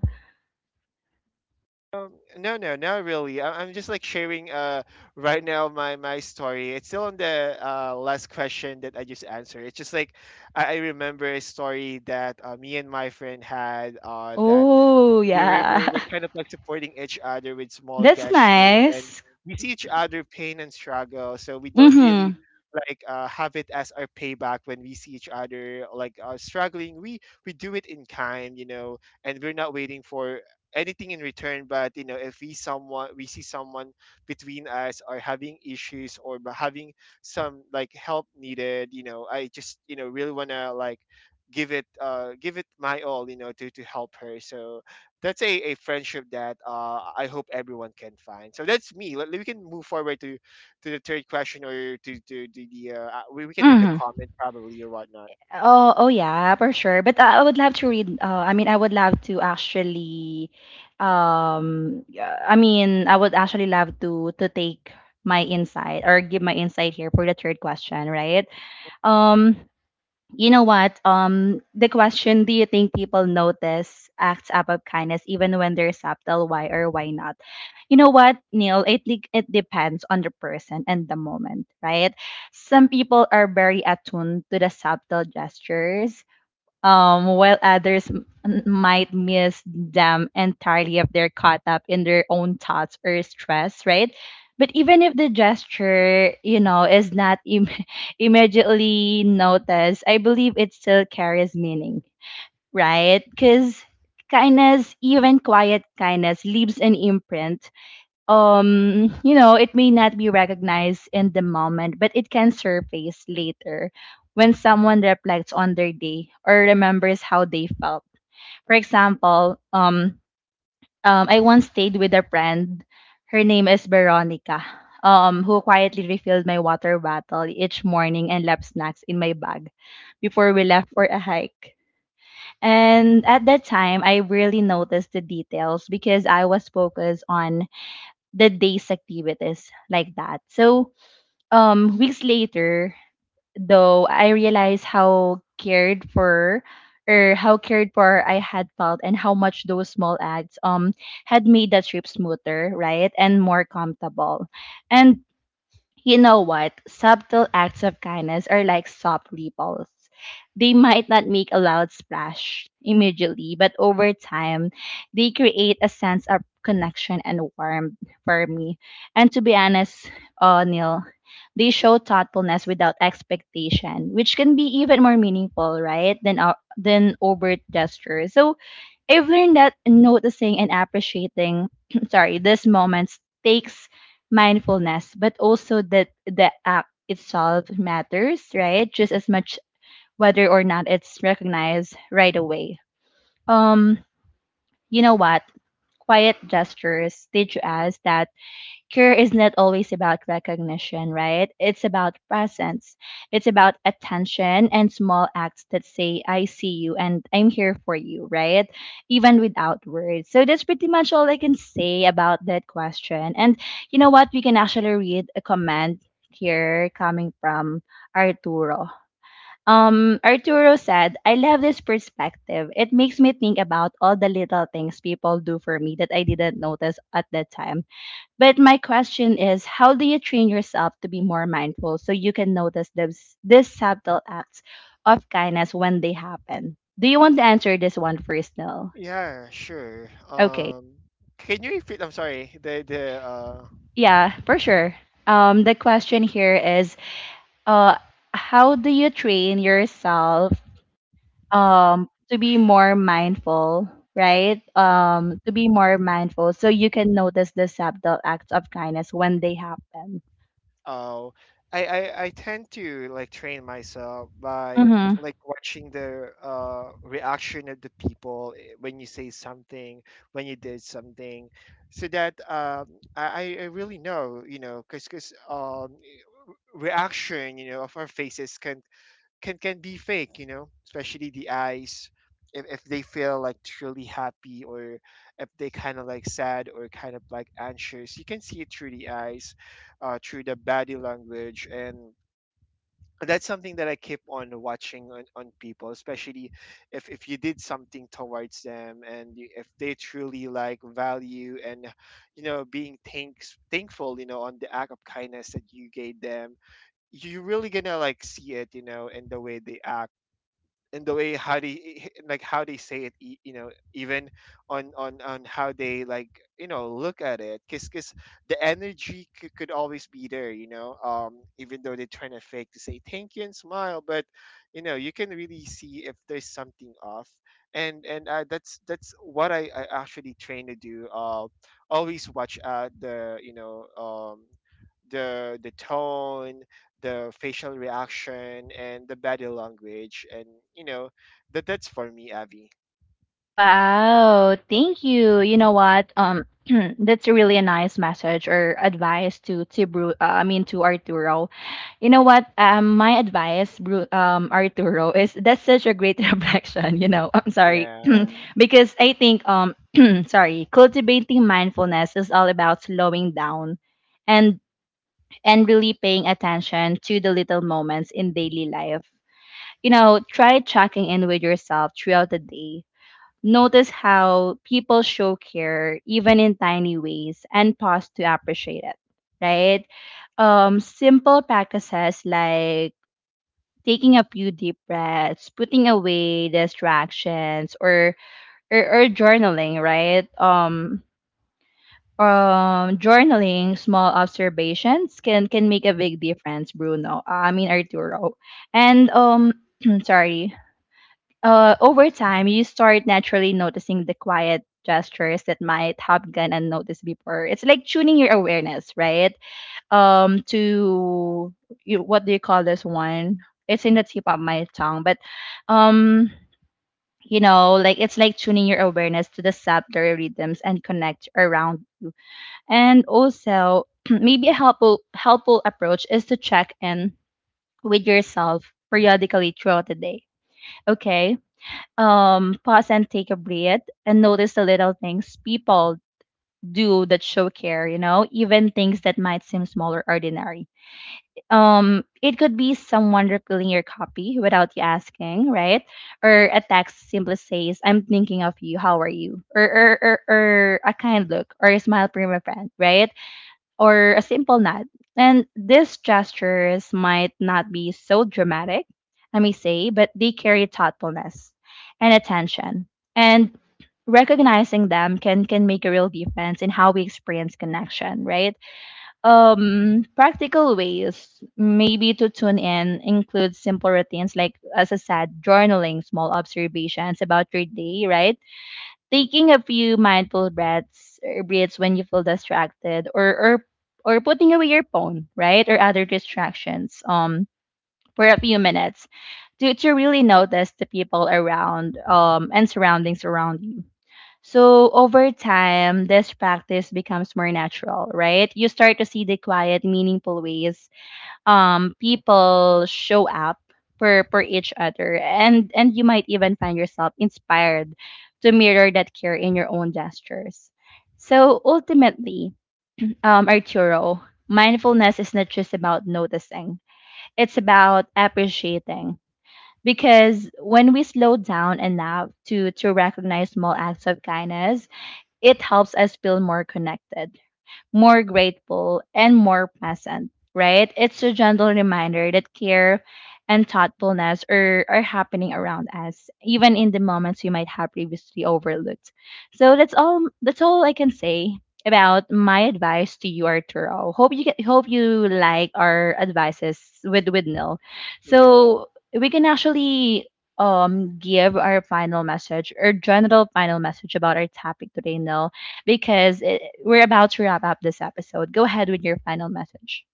B: Um, no, no, not really. I- I'm just like sharing uh right now my my story. It's still on the uh last question that I just answered. It's just like I, I remember a story that uh, me and my friend had uh that
A: Oh,
B: we we
A: yeah.
B: we're, we're kind of like supporting each other with small
A: That's
B: gesture. And
A: nice.
B: we see each other pain and struggle, so we don't really
A: Mm-hmm.
B: like uh, have it as our payback. When we see each other like uh, struggling, we we do it in kind, you know, and we're not waiting for anything in return. But you know, if we someone, we see someone between us are having issues or b- having some like help needed, you know, I just, you know, really want to like give it, uh, give it my all, you know, to to help her. So that's a, a friendship that uh, I hope everyone can find. So that's me. Let, we can move forward to to the third question, or to to, to the uh, uh, we, we can read the
A: Mm-hmm.
B: comment probably or whatnot.
A: Oh, oh yeah, for sure. But I I would love to read. Uh, I mean, I would love to actually. Um, yeah, I mean, I would actually love to to take my insight or give my insight here for the third question, right? Um, you know what? Um, the question: do you think people notice acts up of kindness even when they're subtle? Why or why not? You know what, Neil? I think it depends on the person and the moment, right? Some people are very attuned to the subtle gestures, um, while others m- might miss them entirely if they're caught up in their own thoughts or stress, right? But even if the gesture, you know, is not Im- immediately noticed, I believe it still carries meaning, right? Because kindness, even quiet kindness, leaves an imprint. Um you know it may not be recognized in the moment, but it can surface later when someone reflects on their day or remembers how they felt. For example, um, um I once stayed with a friend, her name is Veronica, um who quietly refilled my water bottle each morning and left snacks in my bag before we left for a hike. And at that time I really noticed the details because I was focused on the day's activities like that. So, um, weeks later, though, I realized how cared for or how cared for I had felt and how much those small acts um had made the trip smoother, right? And more comfortable. And you know what? Subtle acts of kindness are like soft ripples. They might not make a loud splash immediately, but over time, they create a sense of connection and warmth for me. And to be honest, uh, Neil, they show thoughtfulness without expectation, which can be even more meaningful, right, than uh, than overt gestures. So I've learned that noticing and appreciating, sorry, these moments takes mindfulness, but also that the act itself matters, right? Just as much whether or not it's recognized right away. Um, you know what? Quiet gestures teach us that care is not always about recognition, right? It's about presence. It's about attention and small acts that say, I see you and I'm here for you, right? Even without words. So that's pretty much all I can say about that question. And you know what? We can actually read a comment here coming from Arturo. Um, Arturo said, I love this perspective. It makes me think about all the little things people do for me that I didn't notice at that time, but my question is, how do you train yourself to be more mindful so you can notice those these subtle acts of kindness when they happen? Do you want to answer this one first, Nell?
B: Yeah, sure.
A: Okay.
B: Um, can you repeat? I'm sorry. The the uh,
A: Yeah, for sure. Um, the question here is, uh, how do you train yourself um to be more mindful, right? Um, to be more mindful so you can notice the subtle acts of kindness when they happen.
B: Oh, I, I I tend to like train myself by
A: Mm-hmm.
B: like watching the uh reaction of the people, eh, when you say something, when you did something, so that um I I I really know, you know, because because um eh, reaction, you know, of our faces can can can be fake, you know, especially the eyes. If, if they feel like truly happy, or if they kind of like sad or kind of like anxious, you can see it through the eyes, uh, through the body language. And that's something that I keep on watching on, on people, especially if, if you did something towards them and you- if they truly like value and you know being thanks thankful, you know, on the act of kindness that you gave them, you're really gonna like see it, you know, in the way they act and the way how they like how they say it e- you know, even on on on how they, like, you know, look at it, because because the energy c- could always be there, you know. Um, even though they're trying to fake to say thank you and smile, but you know you can really see if there's something off. And and uh, that's that's what I, I actually train to do, uh, always watch out the, you know, um, the the tone, the facial reaction, and the body language, and you know, that that's for me, avi.
A: Wow, thank you. You know what? Um, that's really a nice message or advice to to Bru. Uh, I mean to Arturo. You know what? Um, my advice, Bru, um, Arturo, is that's such a great reflection. You know, I'm sorry.
B: Yeah.
A: Because I think, um, sorry, cultivating mindfulness is all about slowing down, and and really paying attention to the little moments in daily life. You know, try checking in with yourself throughout the day. Notice how people show care, even in tiny ways, and pause to appreciate it, right? Um, simple practices like taking a few deep breaths, putting away distractions, or or, or journaling, right? Um, um, journaling small observations can can make a big difference, Bruno. I mean Arturo, and um, sorry, uh, over time, you start naturally noticing the quiet gestures that might have gone unnoticed before. It's like tuning your awareness, right? Um, to you, what do you call this one? It's in the tip of my tongue, but um, you know, like it's like tuning your awareness to the subtler rhythms and connect around. And also, maybe a helpful helpful approach is to check in with yourself periodically throughout the day. Okay, um pause and take a breath and notice the little things people do that show care, you know even things that might seem small or ordinary. Um it could be someone refilling your copy without you asking, right? Or a text simply says, I'm thinking of you, how are you? Or or or, or a kind look or a smile from a friend, right? Or a simple nod. And these gestures might not be so dramatic, I may say, but they carry thoughtfulness and attention. And recognizing them can can make a real difference in how we experience connection, right? Um, practical ways maybe to tune in include simple routines like, as I said, journaling small observations about your day, right? Taking a few mindful breaths or breaths when you feel distracted, or or or putting away your phone, right? Or other distractions um for a few minutes to to really notice the people around um and surroundings around you. So over time, this practice becomes more natural, right? You start to see the quiet, meaningful ways um
B: Hmm.
A: people show up for for each other, and and you might even find yourself inspired to mirror that care in your own gestures. So ultimately, um Arturo, mindfulness is not just about noticing, it's about appreciating, because when we slow down enough to to recognize small acts of kindness, it helps us feel more connected, more grateful, and more pleasant, right? It's a gentle reminder that care and thoughtfulness are, are happening around us, even in the moments we might have previously overlooked. So that's all that's all I can say about my advice to you, Arturo. Hope you get, hope you like our advices with with Nil.
B: Real.
A: So we can actually um give our final message or general final message about our topic today, Nil, because it, we're about to wrap up this episode. Go ahead with your final message.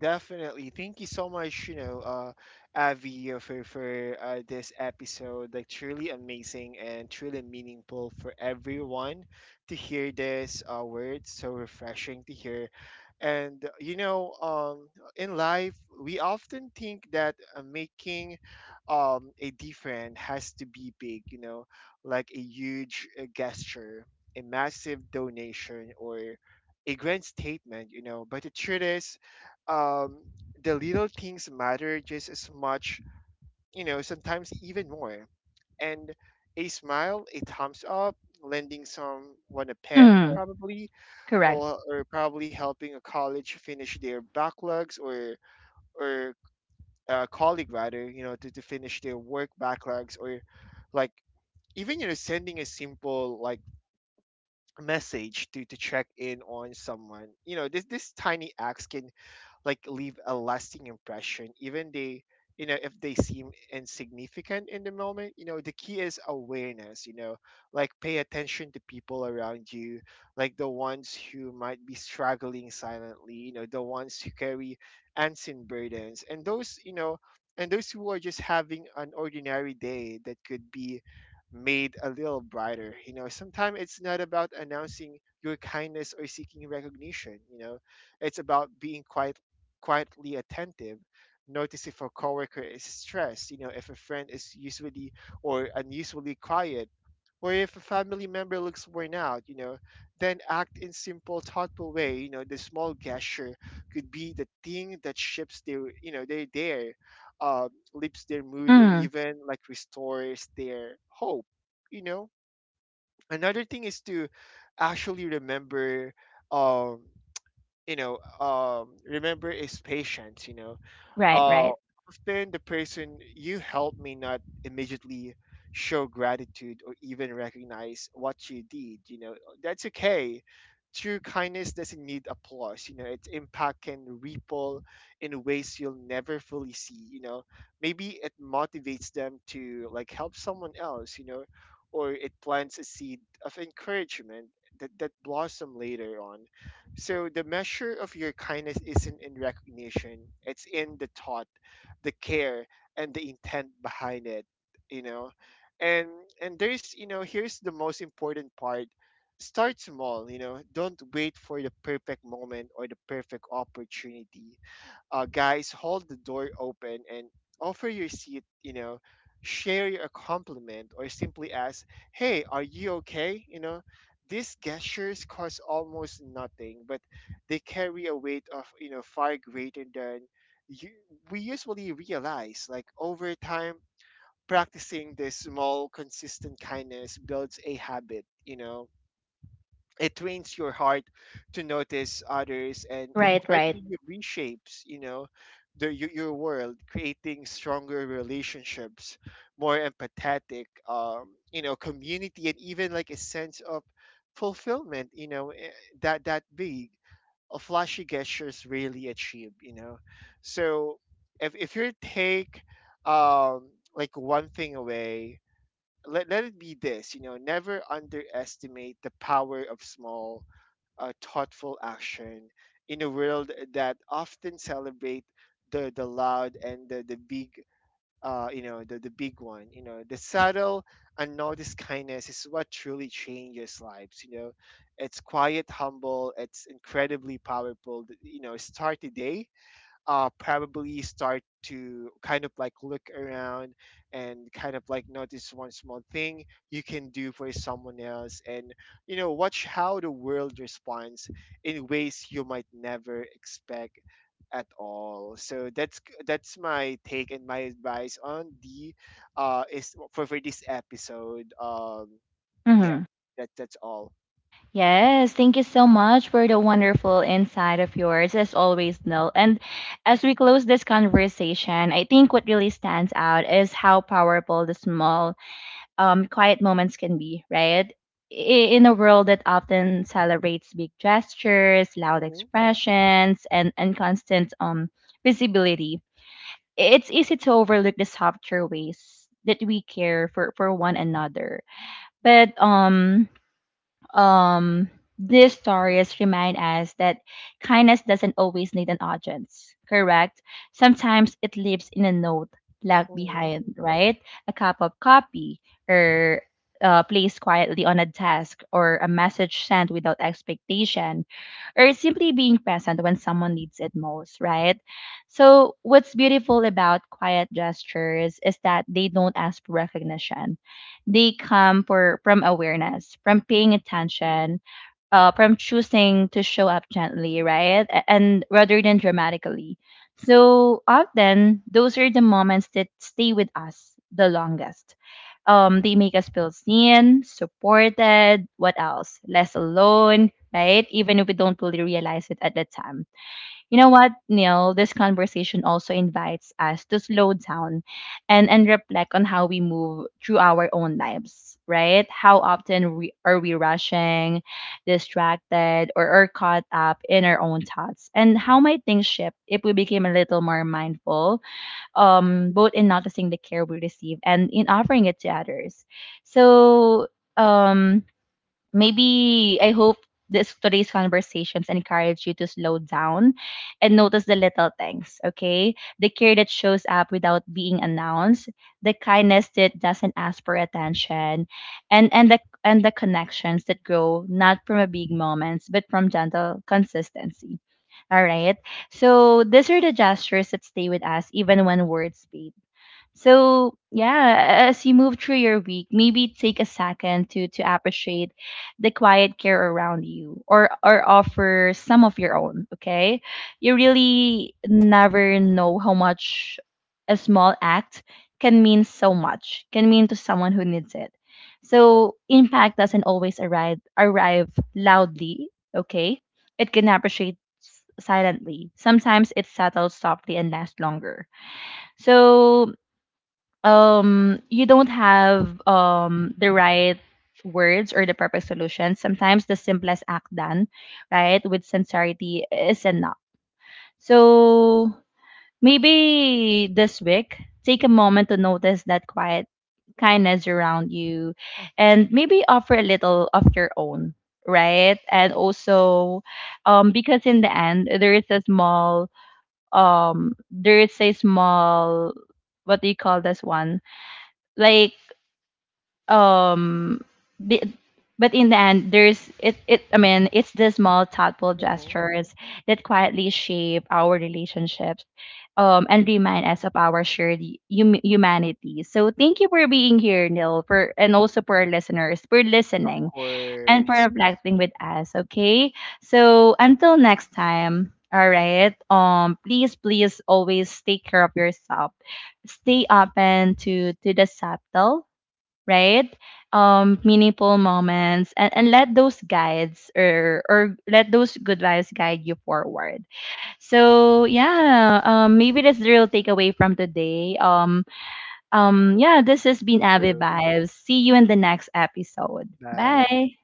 B: Definitely. Thank you so much, you know, uh, Avi, uh, for for uh, this episode. Like truly amazing and truly meaningful for everyone to hear this uh, word. So refreshing to hear. And uh, you know, um, in life, we often think that uh, making um, a difference has to be big. You know, like a huge uh, gesture, a massive donation, or a grand statement. You know, but the truth is um, the little things matter just as much, you know, sometimes even more. And a smile, a thumbs up, lending someone a pen,
A: Mm,
B: probably,
A: correct.
B: or, or probably helping a college finish their backlogs, or or a colleague rather, you know, to, to finish their work backlogs, or like even you know sending a simple like message to to check in on someone. You know, this this tiny acts can like leave a lasting impression even they, you know, if they seem insignificant in the moment. You know, the key is awareness, you know, like pay attention to people around you, like the ones who might be struggling silently, you know, the ones who carry unseen burdens and those, you know, and those who are just having an ordinary day that could be made a little brighter. You know, sometimes it's not about announcing your kindness or seeking recognition. You know, it's about being quiet quietly attentive, notice if a coworker is stressed, you know, if a friend is usually or unusually quiet, or if a family member looks worn out, you know, then act in simple, thoughtful way. You know, the small gesture could be the thing that shifts their, you know, their their, uh, lifts their mood or
A: Mm,
B: even like restores their hope. You know, another thing is to actually remember, um, you know, um, remember is patience. You know,
A: right,
B: uh,
A: right.
B: often the person you help may not immediately show gratitude or even recognize what you did. You know, that's okay. True kindness doesn't need applause. You know, its impact can ripple in ways you'll never fully see. You know, maybe it motivates them to like help someone else. You know, or it plants a seed of encouragement that that blossom later on. So the measure of your kindness isn't in recognition, it's in the thought, the care, and the intent behind it, you know. And and there's, you know, here's the most important part. Start small, you know. Don't wait for the perfect moment or the perfect opportunity. Uh, guys, hold the door open and offer your seat, you know, share your compliment or simply ask, hey, are you okay? You know, these gestures cost almost nothing, but they carry a weight of, you know, far greater than you, we usually realize. Like over time, practicing this small consistent kindness builds a habit, you know, it trains your heart to notice others, and it
A: Right, right.
B: quietly reshapes, you know, the, your, your world, creating stronger relationships, more empathetic um, you know, community, and even like a sense of fulfillment, you know, eh, that that big a flashy gestures really achieve, you know. So if, if you take um, like one thing away, let, let it be this. You know, never underestimate the power of small uh, thoughtful action in a world that often celebrate the the loud and the, the big uh, you know the, the big one. You know, the subtle unnoticed kindness is what truly changes lives, you know, it's quiet humble, it's incredibly powerful, you know. Start today, uh, probably start to kind of like look around and kind of like notice one small thing you can do for someone else, and you know, watch how the world responds in ways you might never expect at all. So that's that's my take and my advice on the uh is for for this episode um, yeah,
A: Mm-hmm.
B: that that's all.
A: Yes, thank you so much for the wonderful insight of yours, as always, Nil. And as we close this conversation, I think what really stands out is how powerful the small, um, quiet moments can be, right? I- In a world that often celebrates big gestures, loud
B: Mm-hmm.
A: expressions, and, and constant um, visibility, it's easy to overlook the softer ways that we care for, for one another. But um um, these stories remind us that kindness doesn't always need an audience, correct? Sometimes it lives in a note left
B: Mm-hmm.
A: behind, right? A cup of coffee or uh, placed quietly on a desk, or a message sent without expectation, or simply being present when someone needs it most, right? So, what's beautiful about quiet gestures is that they don't ask for recognition, they come for from awareness, from paying attention, uh, from choosing to show up gently, right? A- And rather than dramatically. So often those are the moments that stay with us the longest. Um, they make us feel seen, supported, what else? Less alone, right? Even if we don't fully realize it at the time. You know what, Neil? This conversation also invites us to slow down and, and reflect on how we move through our own lives, right? How often we, are we rushing, distracted, or, or caught up in our own thoughts? And how might things shift if we became a little more mindful, um, both in noticing the care we receive and in offering it to others? So, um, maybe I hope this today's conversations encourage you to slow down and notice the little things, okay? The care that shows up without being announced, the kindness that doesn't ask for attention, and and the and the connections that grow not from a big moments but from gentle consistency. All right. So these are the gestures that stay with us even when words fade. So yeah, as you move through your week, maybe take a second to to appreciate the quiet care around you, or or offer some of your own, okay? You really never know how much a small act can mean so much, can mean to someone who needs it. So impact doesn't always arrive arrive loudly, okay? It can appreciate s- silently. Sometimes it settles softly and lasts longer. So um, you don't have um the right words or the perfect solution. Sometimes the simplest act done right with sincerity is enough. So maybe this week, take a moment to notice that quiet kindness around you, and maybe offer a little of your own, right? And also, um, because in the end there is a small um there is a small, what do you call this one, like, um, the, but in the end there's it it I mean it's the small thoughtful
B: Mm-hmm.
A: gestures that quietly shape our relationships, um, and remind us of our shared hum- humanity. So thank you for being here, Neil, for and also for our listeners, for
B: Of
A: listening and for
B: course.
A: reflecting with us, okay? So until next time, all right, um, please please always take care of yourself, stay open to to the subtle, right? Um, meaningful moments, and, and let those guides or or let those good vibes guide you forward. So yeah, um, maybe that's the real takeaway from today. Um um yeah, this has been Abby
B: True.
A: Vibes. See you in the next episode.
B: Bye.
A: Bye.